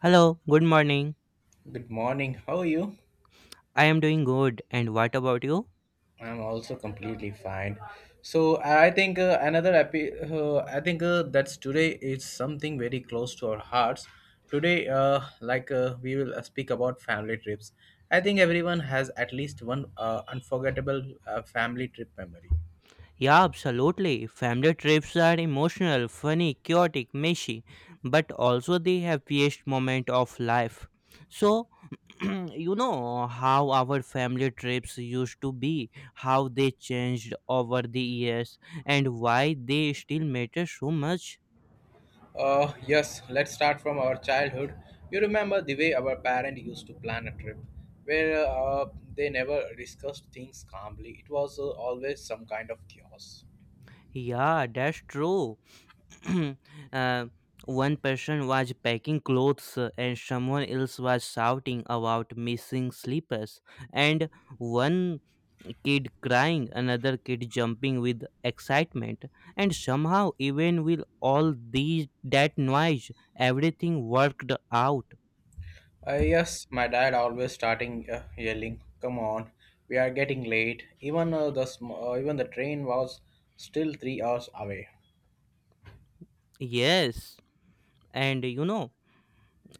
Hello, good morning. Good morning. How are you? I am doing good. And what about you? I'm also completely fine. So I think I think that's today is something very close to our hearts. Today, we will speak about family trips. I think everyone has at least one unforgettable family trip memory. Yeah, absolutely. Family trips are emotional, funny, chaotic, messy, but also the happiest moment of life. So, you know how our family trips used to be, how they changed over the years, and why they still matter so much. Yes, let's start from our childhood. You remember the way our parents used to plan a trip, where they never discussed things calmly. It was always some kind of chaos. Yeah, that's true. uh, one person was packing clothes and someone else was shouting about missing slippers, and one kid crying, another kid jumping with excitement, and somehow even with all these that noise, everything worked out. Yes, my dad always starting yelling, "Come on, we are getting late." Even even the train was still 3 hours away. Yes, and you know,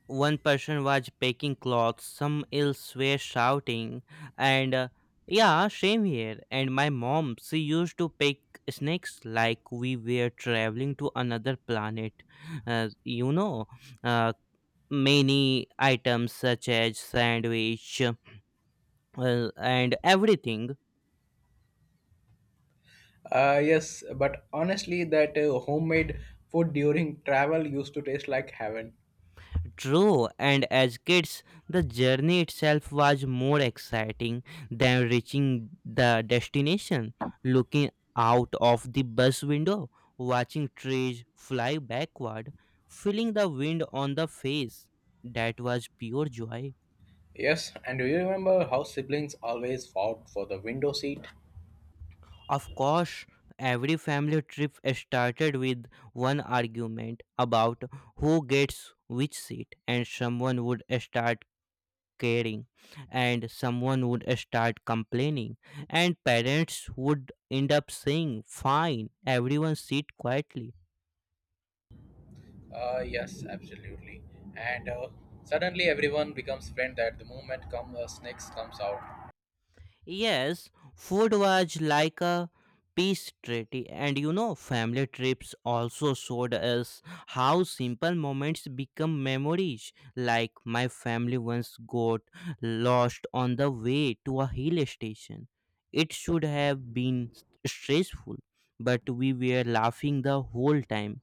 one person was packing clothes, some else were shouting, and yeah, same here. And my mom, she used to pack snacks like we were traveling to another planet. Uh, you know, uh, many items such as sandwich and everything. Yes, but honestly, that homemade food during travel used to taste like heaven. True, and as kids, the journey itself was more exciting than reaching the destination. Looking out of the bus window, watching trees fly backward, feeling the wind on the face, that was pure joy. Yes, and do you remember how siblings always fought for the window seat? Of course, every family trip started with one argument about who gets which seat, and someone would start caring, and someone would start complaining, and parents would end up saying, fine, everyone sit quietly. Yes, absolutely. And suddenly everyone becomes friend at the moment come snakes comes out. Yes, food was like a peace treaty, and you know, family trips also showed us how simple moments become memories. Like, my family once got lost on the way to a hill station. It should have been stressful, but we were laughing the whole time.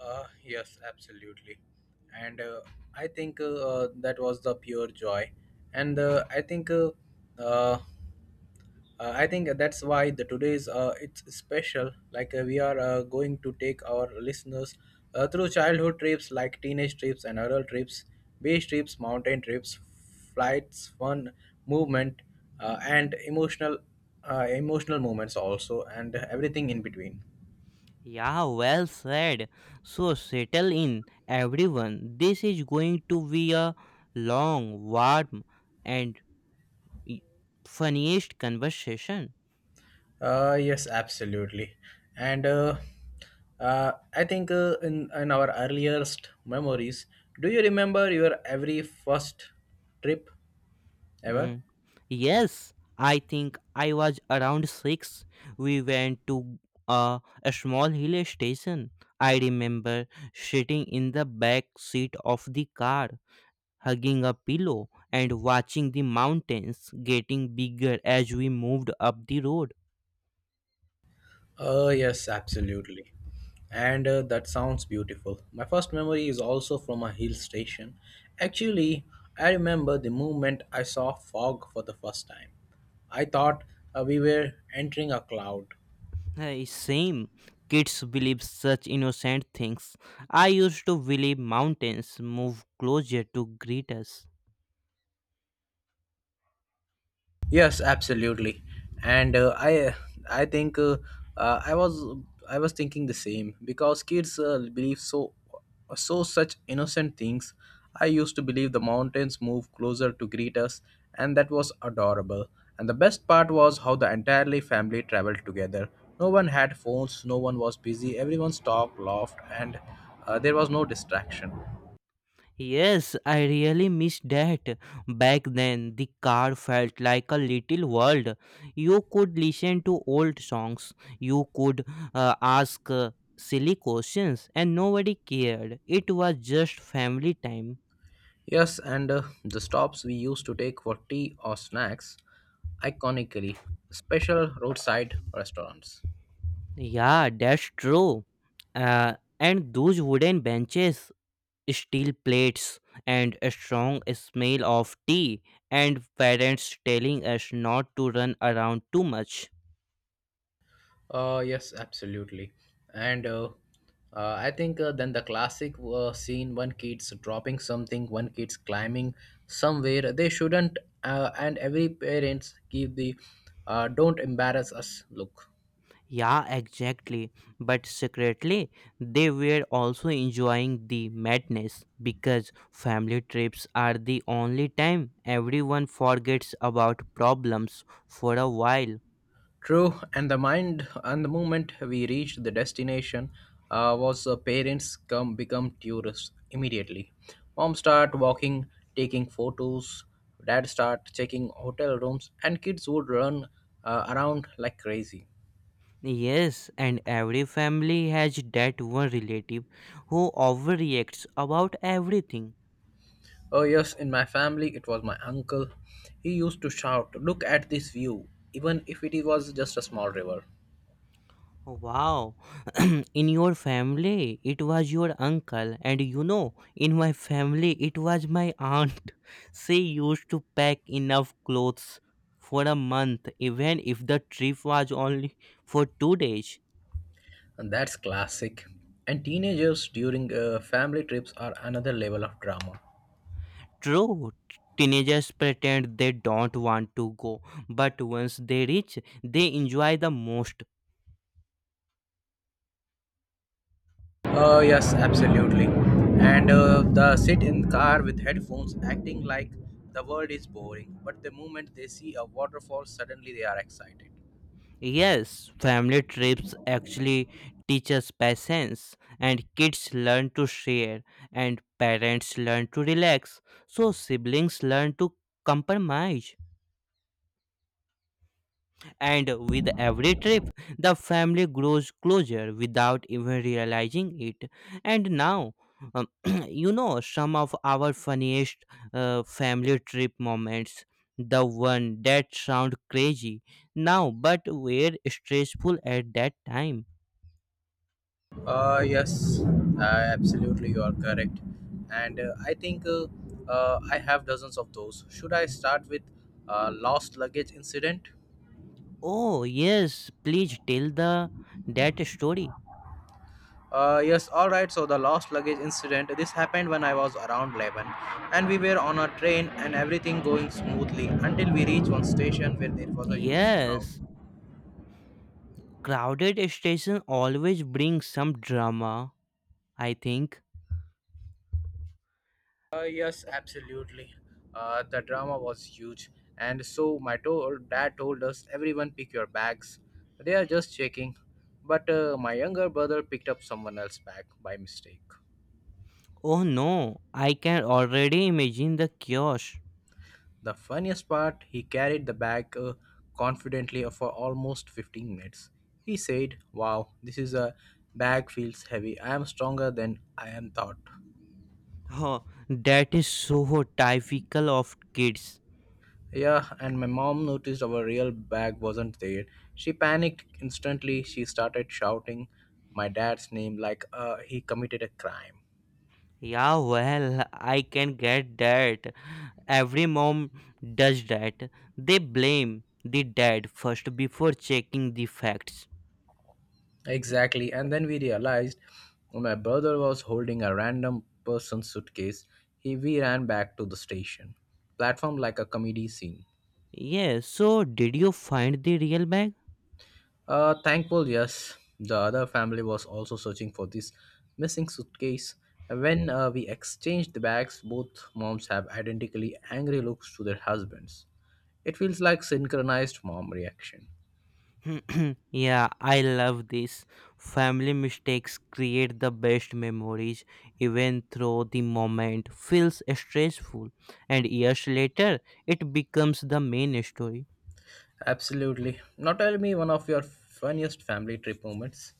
Yes, absolutely. And I think that was the pure joy. And uh, uh, I think that's why the today's it's special. Like we are going to take our listeners through childhood trips, like teenage trips and adult trips, beach trips, mountain trips, flights, fun, movement, and emotional moments also, and everything in between. Yeah, well said. So, settle in, everyone. This is going to be a long, warm, and Y- funniest conversation. Yes, absolutely. And in our earliest memories, do you remember your every first trip Hmm. ever? Yes, I think I was around six. We went to a small hill station. I remember sitting in the back seat of the car, hugging a pillow and watching the mountains getting bigger as we moved up the road. Oh, yes, absolutely. And that sounds beautiful. My first memory is also from a hill station. Actually, I remember the moment I saw fog for the first time. I thought we were entering a cloud. Hey, same. Kids believe such innocent things. I used to believe mountains move closer to greet us. Yes, absolutely. And I think uh, I was I was thinking the same because kids believe so such innocent things. I used to believe the mountains move closer to greet us, and that was adorable. And the best part was how the entirely family traveled together. No one had phones, no one was busy. Everyone talked, laughed, and there was no distraction. Yes, I really miss that. Back then, the car felt like a little world. You could listen to old songs, you could ask silly questions, and nobody cared. It was just family time. Yes, and the stops we used to take for tea or snacks, iconically, special roadside restaurants. Yeah, that's true. Uh, and those wooden benches, steel plates, and a strong smell of tea, and parents telling us not to run around too much. Yes, absolutely. And I think then the classic scene, one kid's dropping something, one kid's climbing somewhere they shouldn't, and every parents give the don't embarrass us look. Yeah, exactly. But secretly, they were also enjoying the madness because family trips are the only time everyone forgets about problems for a while. True, and the mind and the moment we reached the destination was the parents come become tourists immediately. Mom start walking, taking photos. Dad start checking hotel rooms, and kids would run around like crazy. Yes, and every family has that one relative who overreacts about everything. Oh yes, in my family it was my uncle. He used to shout, "Look at this view!" even if it was just a small river. Oh, wow. In your family it was your uncle, and you know, in my family it was my aunt. She used to pack enough clothes for a month, even if the trip was only for 2 days. And that's classic. And teenagers during family trips are another level of drama. True, teenagers pretend they don't want to go, but once they reach, they enjoy the most. Yes, absolutely. And the sit in car with headphones, acting like the world is boring. But the moment they see a waterfall, suddenly they are excited. Yes, family trips actually teach us patience, and kids learn to share, and parents learn to relax, so siblings learn to compromise. And with every trip, the family grows closer without even realizing it. And now, um, you know, some of our funniest family trip moments, the one that sound crazy now but were stressful at that time. Yes, uh, absolutely, you are correct. And I have dozens of those. Should I start with lost luggage incident? Oh, yes, please tell the that story. Yes, all right. So the lost luggage incident. This happened when I was around 11, and we were on a train and everything going smoothly until we reached one station where there was a huge crowd. Yes, crowded station always brings some drama, I think. Yes, absolutely. The drama was huge, and so dad told us everyone pick your bags. They are just checking, but my younger brother picked up someone else's bag by mistake. Oh no, I can already imagine the chaos. The funniest part, he carried the bag confidently for almost 15 minutes. He said, Wow, this is a bag feels heavy. I am stronger than I am thought. Oh, that is so typical of kids. Yeah, and my mom noticed our real bag wasn't there. She panicked instantly. She started shouting my dad's name like he committed a crime. Yeah, well, I can get that. Every mom does that. They blame the dad first before checking the facts. Exactly, and then we realized my brother was holding a random person's suitcase. We ran back to the station platform like a comedy scene. Yes, so did you find the real bag? Thankful, yes. The other family was also searching for this missing suitcase. And when we exchanged the bags, both moms have identically angry looks to their husbands. It feels like synchronized mom reaction. Yeah, I love this. Family mistakes create the best memories, even though the moment feels stressful, and years later, it becomes the main story. Absolutely. Now tell me one of your funniest family trip moments.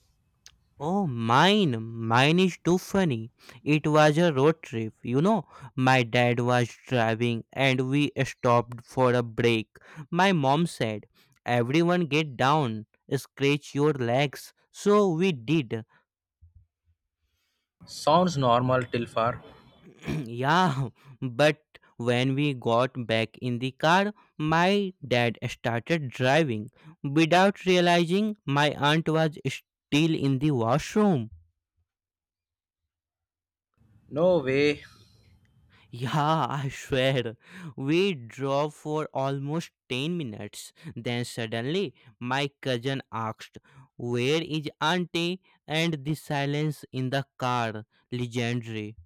Oh, mine, mine is too funny. It was a road trip, you know. My dad was driving, and we stopped for a break. My mom said, everyone get down, scratch your legs. So we did. Sounds normal till far. Yeah, but when we got back in the car, my dad started driving. Without realizing, my aunt was still in the washroom. No way. Yeah, I swear. We drove for almost 10 minutes. Then suddenly, my cousin asked, where is auntie? And the silence in the car, legendary.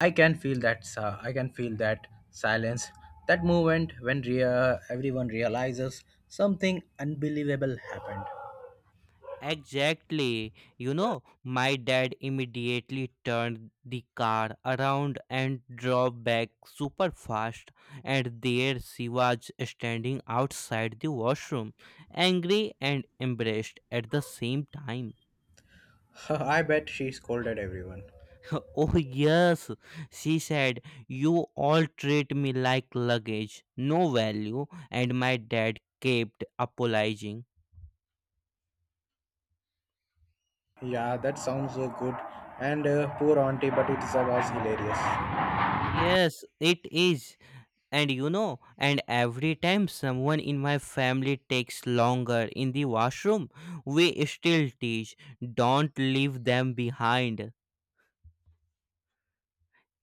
I can feel that. I can feel that silence. That moment when everyone realizes something unbelievable happened. Exactly. You know, my dad immediately turned the car around and drove back super fast, and there she was standing outside the washroom, angry and embarrassed at the same time. I bet she scolded everyone. Oh, yes, she said, you all treat me like luggage, no value, and my dad kept apologizing. Yeah, that sounds good. And poor auntie, but it was hilarious. Yes, it is. And you know, and every time someone in my family takes longer in the washroom, we still teach, don't leave them behind.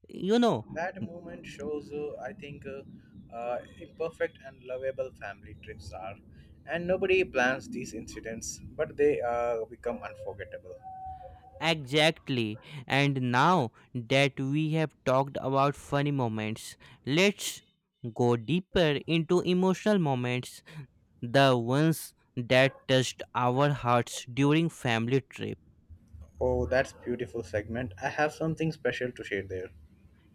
You know, That moment shows, I think, imperfect and lovable family trips are. And nobody plans these incidents, but they become unforgettable. exactly. And now that we have talked about funny moments, let's go deeper into emotional moments, the ones that touched our hearts during family trips. Oh, that's beautiful segment. I have something special to share there.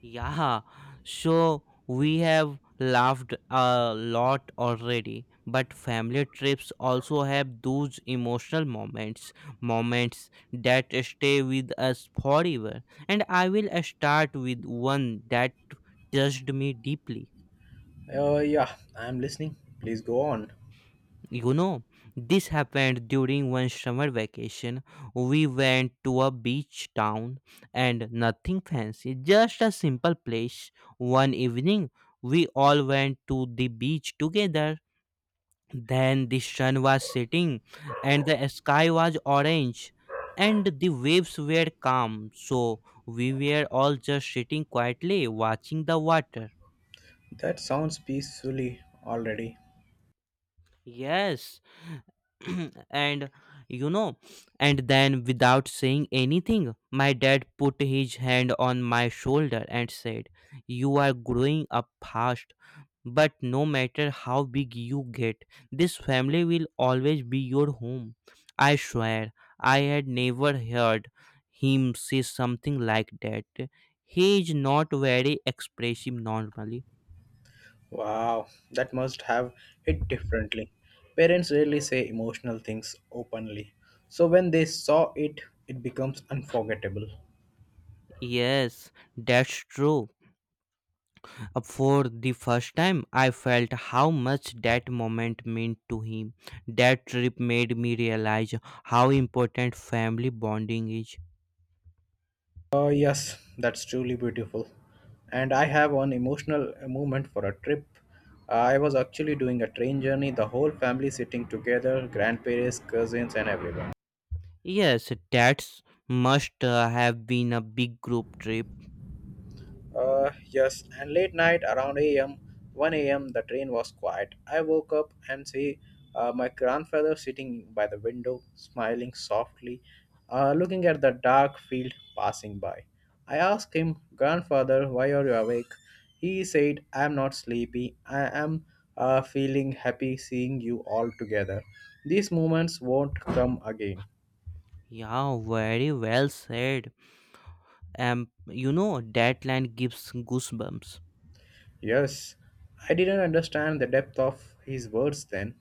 Yeah, so we have laughed a lot already, but family trips also have those emotional moments, moments that stay with us forever. And I will start with one that touched me deeply. Yeah, I'm listening. Please go on. You know, this happened during one summer vacation. We went to a beach town, and nothing fancy, just a simple place. One evening, we all went to the beach together. Then the sun was setting, and the sky was orange, and the waves were calm. So we were all just sitting quietly watching the water. That sounds peacefully already. Yes. And you know, and then without saying anything, my dad put his hand on my shoulder and said, you are growing up fast, but no matter how big you get, this family will always be your home. I swear, I had never heard him say something like that. He is not very expressive normally. Wow, that must have hit differently. Parents rarely say emotional things openly, so when they saw it, it becomes unforgettable. Yes, that's true. For the first time, I felt how much that moment meant to him. That trip made me realize how important family bonding is. Oh, yes, that's truly beautiful. And I have one emotional moment for a trip. I was actually doing a train journey, the whole family sitting together grandparents, cousins, and everyone. Yes, that must have been a big group trip. Yes, and late night around 1 a.m., the train was quiet. I woke up and see my grandfather sitting by the window, smiling softly, looking at the dark field passing by. I asked him, Grandfather, why are you awake? He said, I'm not sleepy. I am feeling happy seeing you all together. These moments won't come again. Yeah, very well said. You know, that line gives goosebumps. Yes, I didn't understand the depth of his words then,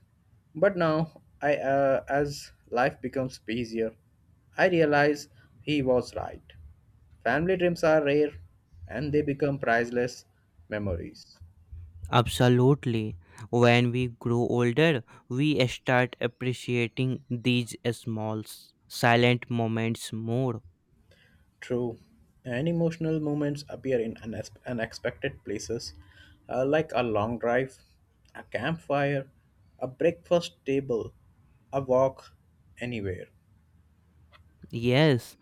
but now I as life becomes busier, I realize he was right. Family dreams are rare and they become priceless memories. Absolutely. When we grow older, we start appreciating these small, silent moments more. True, and emotional moments appear in unexpected places like a long drive, a campfire, a breakfast table, a walk anywhere. Yes,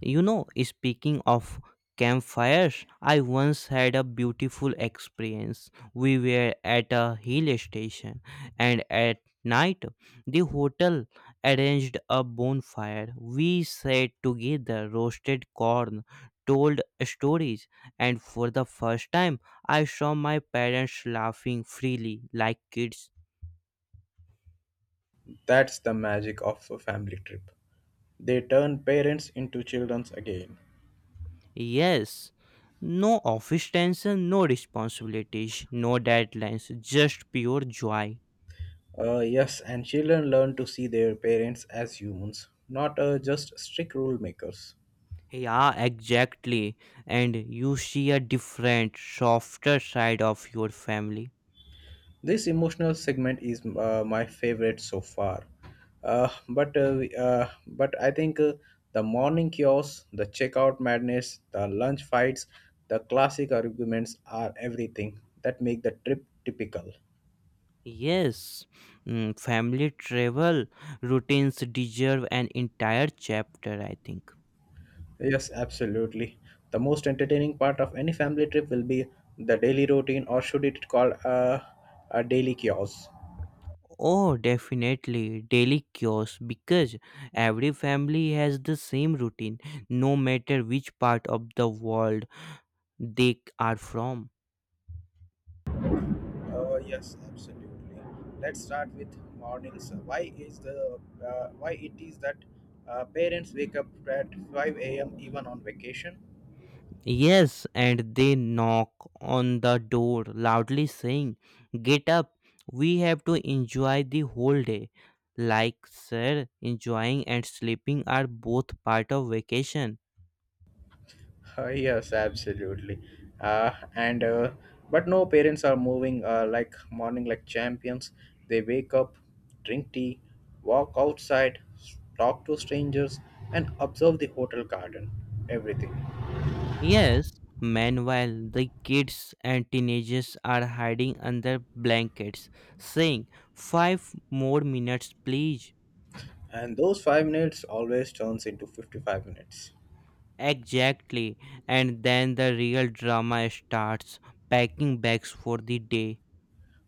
you know, speaking of campfires, I once had a beautiful experience. We were at a hill station, and at night, the hotel arranged a bonfire. We sat together, roasted corn, told stories, and for the first time, I saw my parents laughing freely like kids. That's the magic of a family trip. They turn parents into children again. Yes, no office tension, no responsibilities, no deadlines, just pure joy. Yes, and children learn to see their parents as humans, not just strict rule makers. Yeah, exactly. And you see a different, softer side of your family. This emotional segment is my favorite so far. But we- but I think the morning chaos, the checkout madness, the lunch fights, the classic arguments are everything that make the trip typical. Yes, mm, family travel routines deserve an entire chapter, I think. Yes, absolutely. The most entertaining part of any family trip will be the daily routine, or should it call a daily chaos? Oh, definitely. Daily chaos because every family has the same routine, no matter which part of the world they are from. Yes, absolutely. Let's start with mornings. Why is the why it is that parents wake up at 5 a.m. even on vacation? Yes, and they knock on the door loudly saying, get up, we have to enjoy the whole day. Like, sir, enjoying and sleeping are both part of vacation. Yes, absolutely. Uh, and but no parents are moving like morning like champions. They wake up, drink tea, walk outside, talk to strangers, and observe the hotel garden. Everything, Yes, meanwhile, the kids and teenagers are hiding under blankets, saying, "Five more minutes, please." and those 5 minutes always turns into 55 minutes. Exactly, and then the real drama starts, packing bags for the day.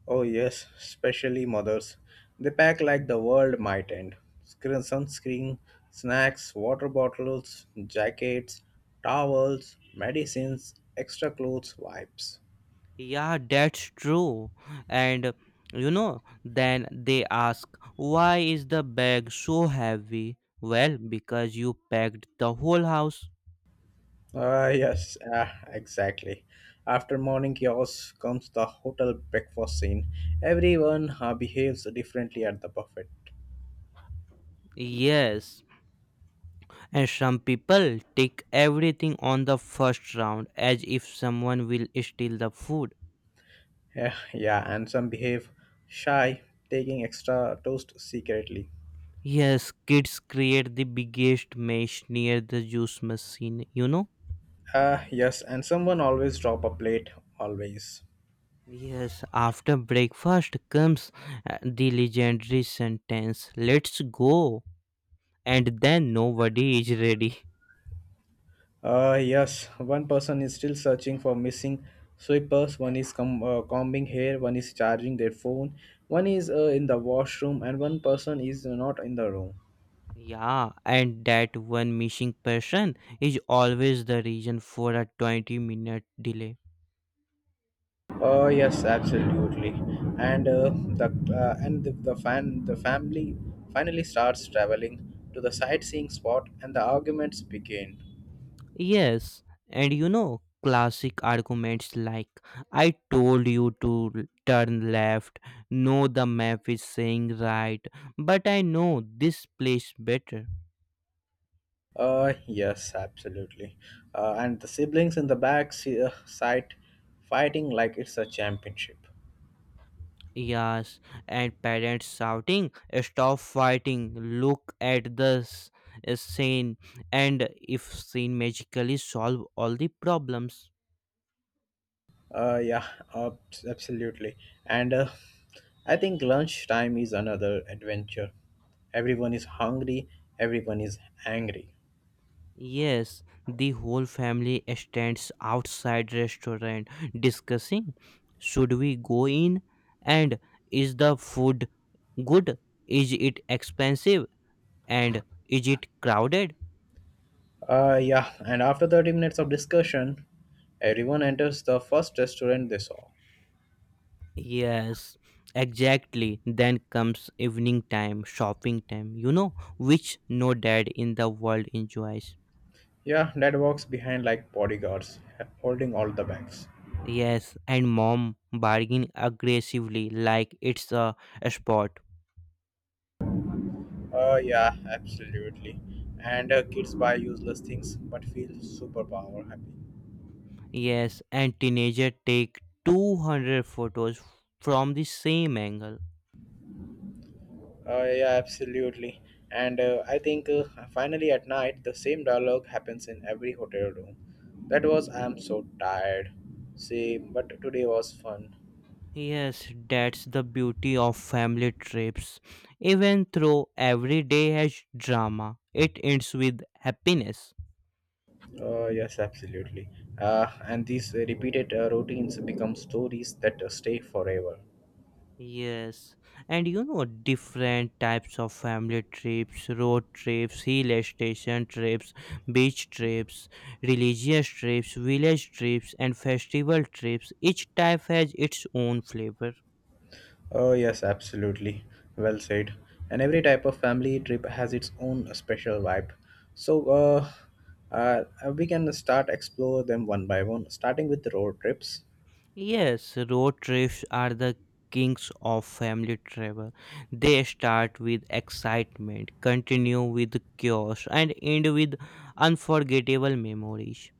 Oh, yes, especially mothers. They pack like the world might end. Screen, sunscreen, snacks, water bottles, jackets, towels, medicines, extra clothes, wipes. Yeah, that's true. And you know, then they ask, why is the bag so heavy? Well, because you packed the whole house. Yes, exactly. After morning chaos comes the hotel breakfast scene. Everyone behaves differently at the buffet. Yes, and some people take everything on the first round as if someone will steal the food. Yeah, and some behave shy, taking extra toast secretly. Yes, kids create the biggest mess near the juice machine, you know? Yes, and someone always drop a plate, always. Yes, after breakfast comes the legendary sentence, let's go. And then nobody is ready. Yes, one person is still searching for missing sweepers, one is combing hair, one is charging their phone, one is in the washroom, and one person is not in the room. Yeah, and that one missing person is always the reason for a 20-minute delay. Oh yes, absolutely. And the and the fan the family finally starts traveling to the sightseeing spot, and the arguments begin. Yes, and you know, classic arguments like, I told you to turn left, no, the map is saying right, but I know this place better. Yes, absolutely. And the siblings in the side fighting like it's a championship. Yes, and parents shouting, stop fighting, look at this scene, and if scene magically solve all the problems. Yeah, uh, absolutely. And I think lunchtime is another adventure. Everyone is hungry, everyone is angry. Yes, the whole family stands outside restaurant discussing, should we go in, and is the food good? Is it expensive, and is it crowded? Yeah, and after 30 minutes of discussion, everyone enters the first restaurant they saw. Yes, exactly. Then comes evening time, shopping time, you know, which no dad in the world enjoys. Yeah, dad walks behind like bodyguards, holding all the bags. Yes, and mom bargain aggressively like it's a sport. Oh yeah, absolutely. And kids buy useless things but feel superpower happy. Yes, and teenager take 200 photos from the same angle. Oh yeah, absolutely. And I think finally at night the same dialogue happens in every hotel room. That was I'm so tired. See, but today was fun. Yes, that's the beauty of family trips. Even though every day has drama, it ends with happiness. Oh yes, absolutely. And these repeated routines become stories that stay forever. Yes, and you know, different types of family trips, road trips, hill station trips, beach trips, religious trips, village trips, and festival trips. Each type has its own flavor. Oh, yes, absolutely. Well said. And every type of family trip has its own special vibe. So, we can start explore them one by one, starting with the road trips. Yes, road trips are the kings of family travel. They start with excitement, continue with chaos, and end with unforgettable memories.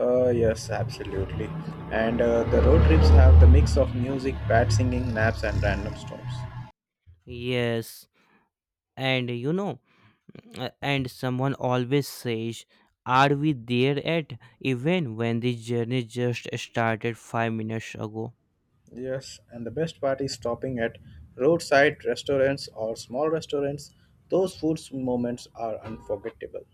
Yes, absolutely. And the road trips have the mix of music, bad singing, naps, and random stops. Yes, and you know. And someone always says, are we there yet, even when the journey just started 5 minutes ago. Yes, and the best part is stopping at roadside restaurants or small restaurants. Those food moments are unforgettable.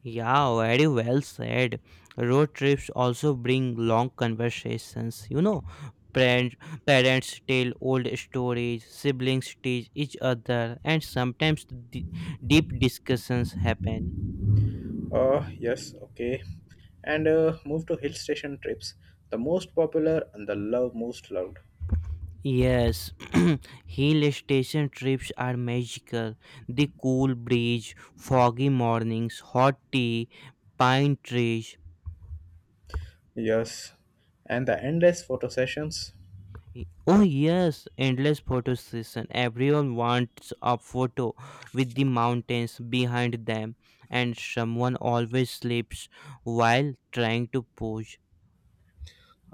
Yeah, very well said. Road trips also bring long conversations, you know, parents parents tell old stories, siblings teach each other, and sometimes deep discussions happen. Yes, okay. And move to hill station trips, the most popular and the love most loved. Yes, hill station trips are magical. The cool breeze, foggy mornings, hot tea, pine trees. Yes, and the endless photo sessions. Oh yes, endless photo session. Everyone wants a photo with the mountains behind them, and someone always sleeps while trying to pose.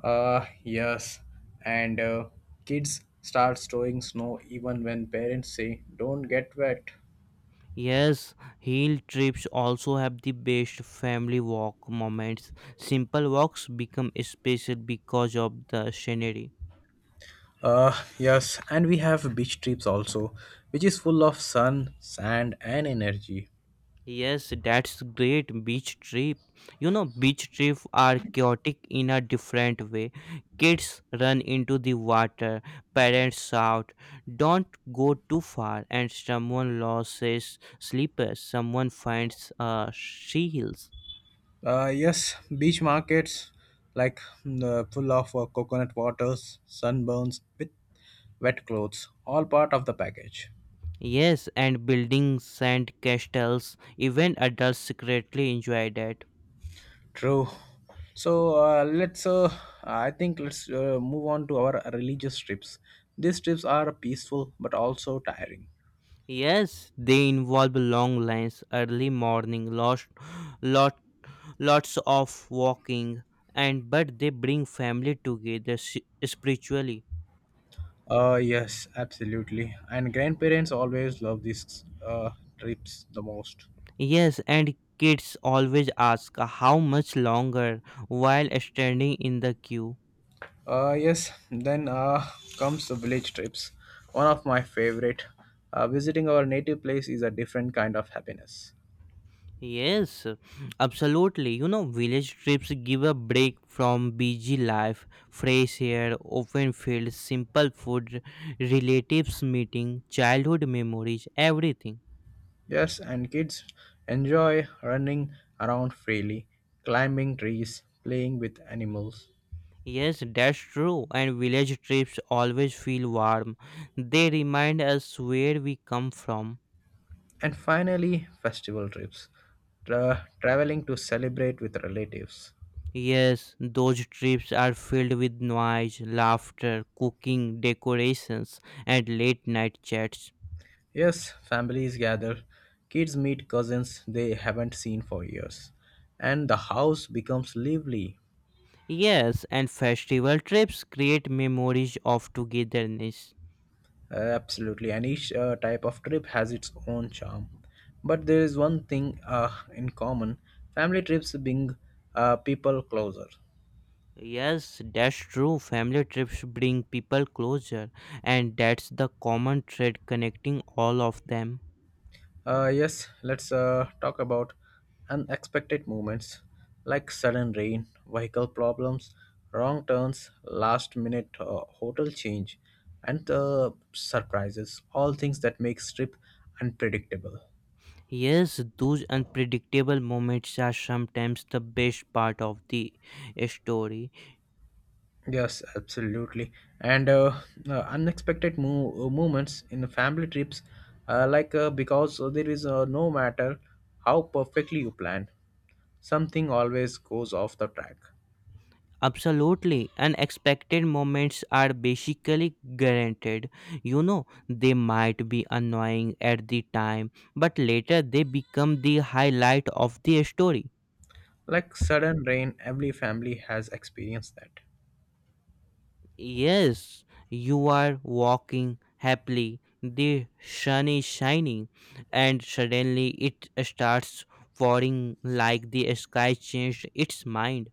Yes, and kids start throwing snow even when parents say don't get wet. Yes, hill trips also have the best family walk moments. Simple walks become special because of the scenery. Yes, and we have beach trips also, which is full of sun, sand, and energy. Yes, that's great beach trip. You know, beach trips are chaotic in a different way. Kids run into the water, parents shout, don't go too far, and someone loses slippers, someone finds she. Yes, beach markets like full of coconut waters, sunburns with wet clothes, all part of the package. Yes, and building sand castles, even adults secretly enjoy that. True. So let's. I think let's move on to our religious trips. These trips are peaceful but also tiring. Yes, they involve long lines, early morning, lots, lot, lots of walking, and but they bring family together spiritually. Yes, absolutely. And grandparents always love these trips the most. Yes, and kids always ask how much longer while standing in the queue. Yes, then comes the village trips, one of my favorite. Visiting our native place is a different kind of happiness. Yes, absolutely. You know, village trips give a break from busy life, fresh air, open fields, simple food, relatives meeting, childhood memories, everything. Yes, and kids enjoy running around freely, climbing trees, playing with animals, Yes, that's true. And village trips always feel warm. They remind us where we come from. and finally, festival trips, traveling to celebrate with relatives. Yes, those trips are filled with noise, laughter, cooking, decorations, and late night chats. Yes, families gather, kids meet cousins they haven't seen for years, and the house becomes lively. Yes, and festival trips create memories of togetherness. Absolutely, and each type of trip has its own charm. But there is one thing in common, family trips bring people closer. Yes, that's true. Family trips bring people closer, and that's the common thread connecting all of them. Yes, let's talk about unexpected moments like sudden rain, vehicle problems, wrong turns, last minute hotel change, and surprises, all things that makes trip unpredictable. Yes, those unpredictable moments are sometimes the best part of the story. Yes, absolutely. And unexpected movements in the family trips, because there is no matter how perfectly you plan, something always goes off the track. Absolutely, unexpected moments are basically guaranteed. You know, they might be annoying at the time, but later they become the highlight of the story. Like sudden rain, every family has experienced that. Yes, you are walking happily, the sun is shining, and suddenly it starts pouring like the sky changed its mind.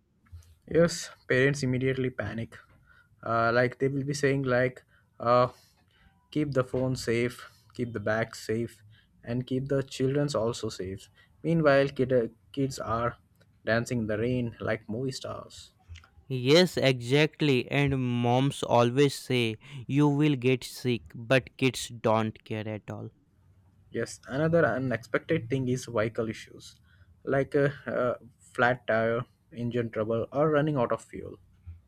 Yes, parents immediately panic. Like they will be saying like, uh, keep the phone safe, keep the bag safe, and keep the childrens also safe. Meanwhile, kids are dancing in the rain like movie stars. Yes, exactly. And moms always say you will get sick, but kids don't care at all. Yes, another unexpected thing is vehicle issues, like a flat tire, engine trouble, or running out of fuel.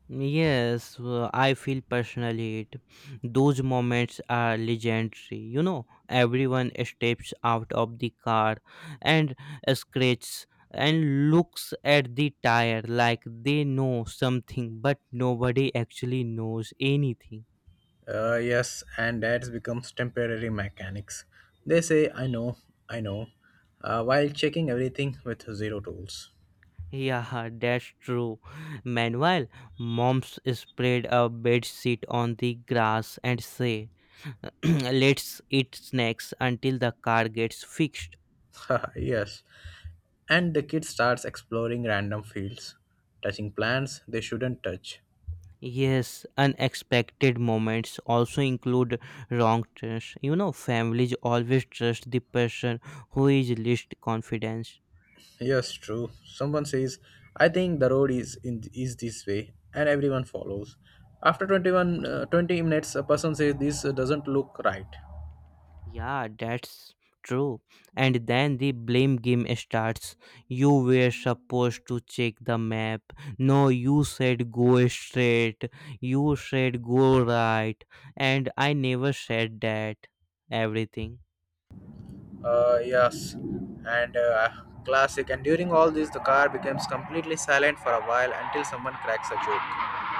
Yes, I feel personally it. Those moments are legendary. You know, everyone steps out of the car and scratches and looks at the tire like they know something, but nobody actually knows anything. Yes, and that becomes temporary mechanics. They say, I know, while checking everything with zero tools. Yeah, that's true. Meanwhile, moms spread a bed sheet on the grass and say, Let's eat snacks until the car gets fixed. Yes, and the kid starts exploring random fields, touching plants they shouldn't touch. Yes, unexpected moments also include wrong trust. You know, families always trust the person who is least confident. Yes, true. Someone says, I think the road is this way, and everyone follows. After 20 minutes, a person says, This doesn't look right. Yeah, that's true. And then the blame game starts. You were supposed to check the map. No, you said go straight. You said go right. And I never said that. Everything. Yes, and classic. And during all this, the car becomes completely silent for a while until someone cracks a joke.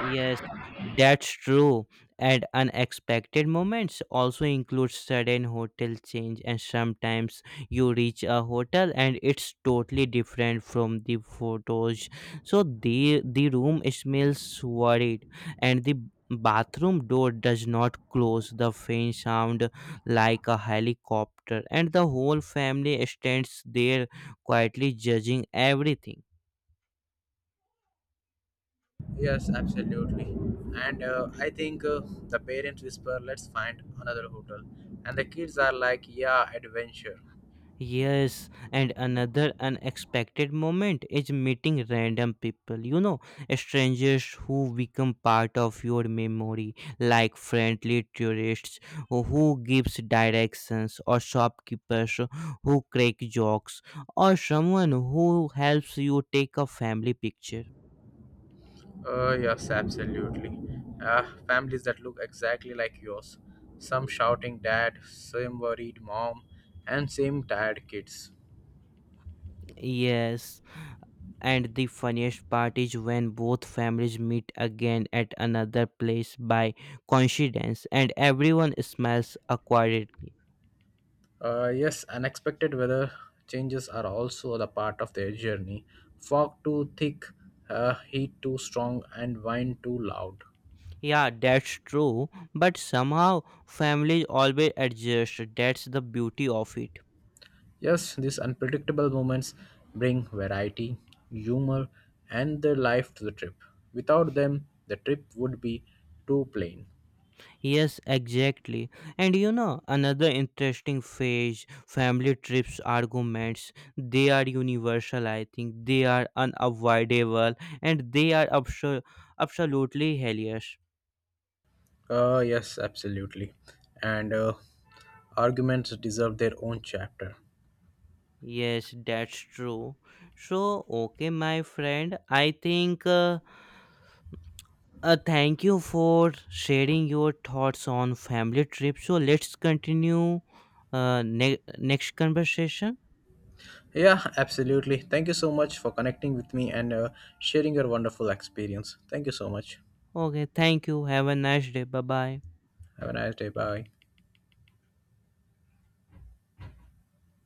Yes, that's true. And unexpected moments also include sudden hotel change, and sometimes you reach a hotel and it's totally different from the photos. So the room smells worried, and the bathroom door does not close. The faint sound like a helicopter, and the whole family stands there quietly judging everything. Yes, absolutely. And I think the parents whisper, "Let's find another hotel," and the kids are like, "Yeah, adventure." Yes, and another unexpected moment is meeting random people, you know, strangers who become part of your memory, like friendly tourists who gives directions, or shopkeepers who crack jokes, or someone who helps you take a family picture. Yes, absolutely. Families that look exactly like yours. Some shouting dad, some worried mom, and same tired kids. Yes, and the funniest part is when both families meet again at another place by coincidence and everyone smiles awkwardly. Yes, unexpected weather changes are also the part of their journey. Fog too thick, heat too strong, and wind too loud. Yeah, that's true, but somehow families always adjust. That's the beauty of it. Yes, these unpredictable moments bring variety, humor, and the life to the trip. Without them, the trip would be too plain. Yes, exactly. And you know, another interesting phase family trips arguments. They are universal, I think. They are unavoidable and they are absolutely hilarious. Yes, absolutely. And arguments deserve their own chapter. Yes, that's true. So, okay, my friend, I think thank you for sharing your thoughts on family trip. So, let's continue next conversation. Yeah, absolutely. Thank you so much for connecting with me and sharing your wonderful experience. Thank you so much. Okay, thank you. Have a nice day. Bye bye. Have a nice day. Bye.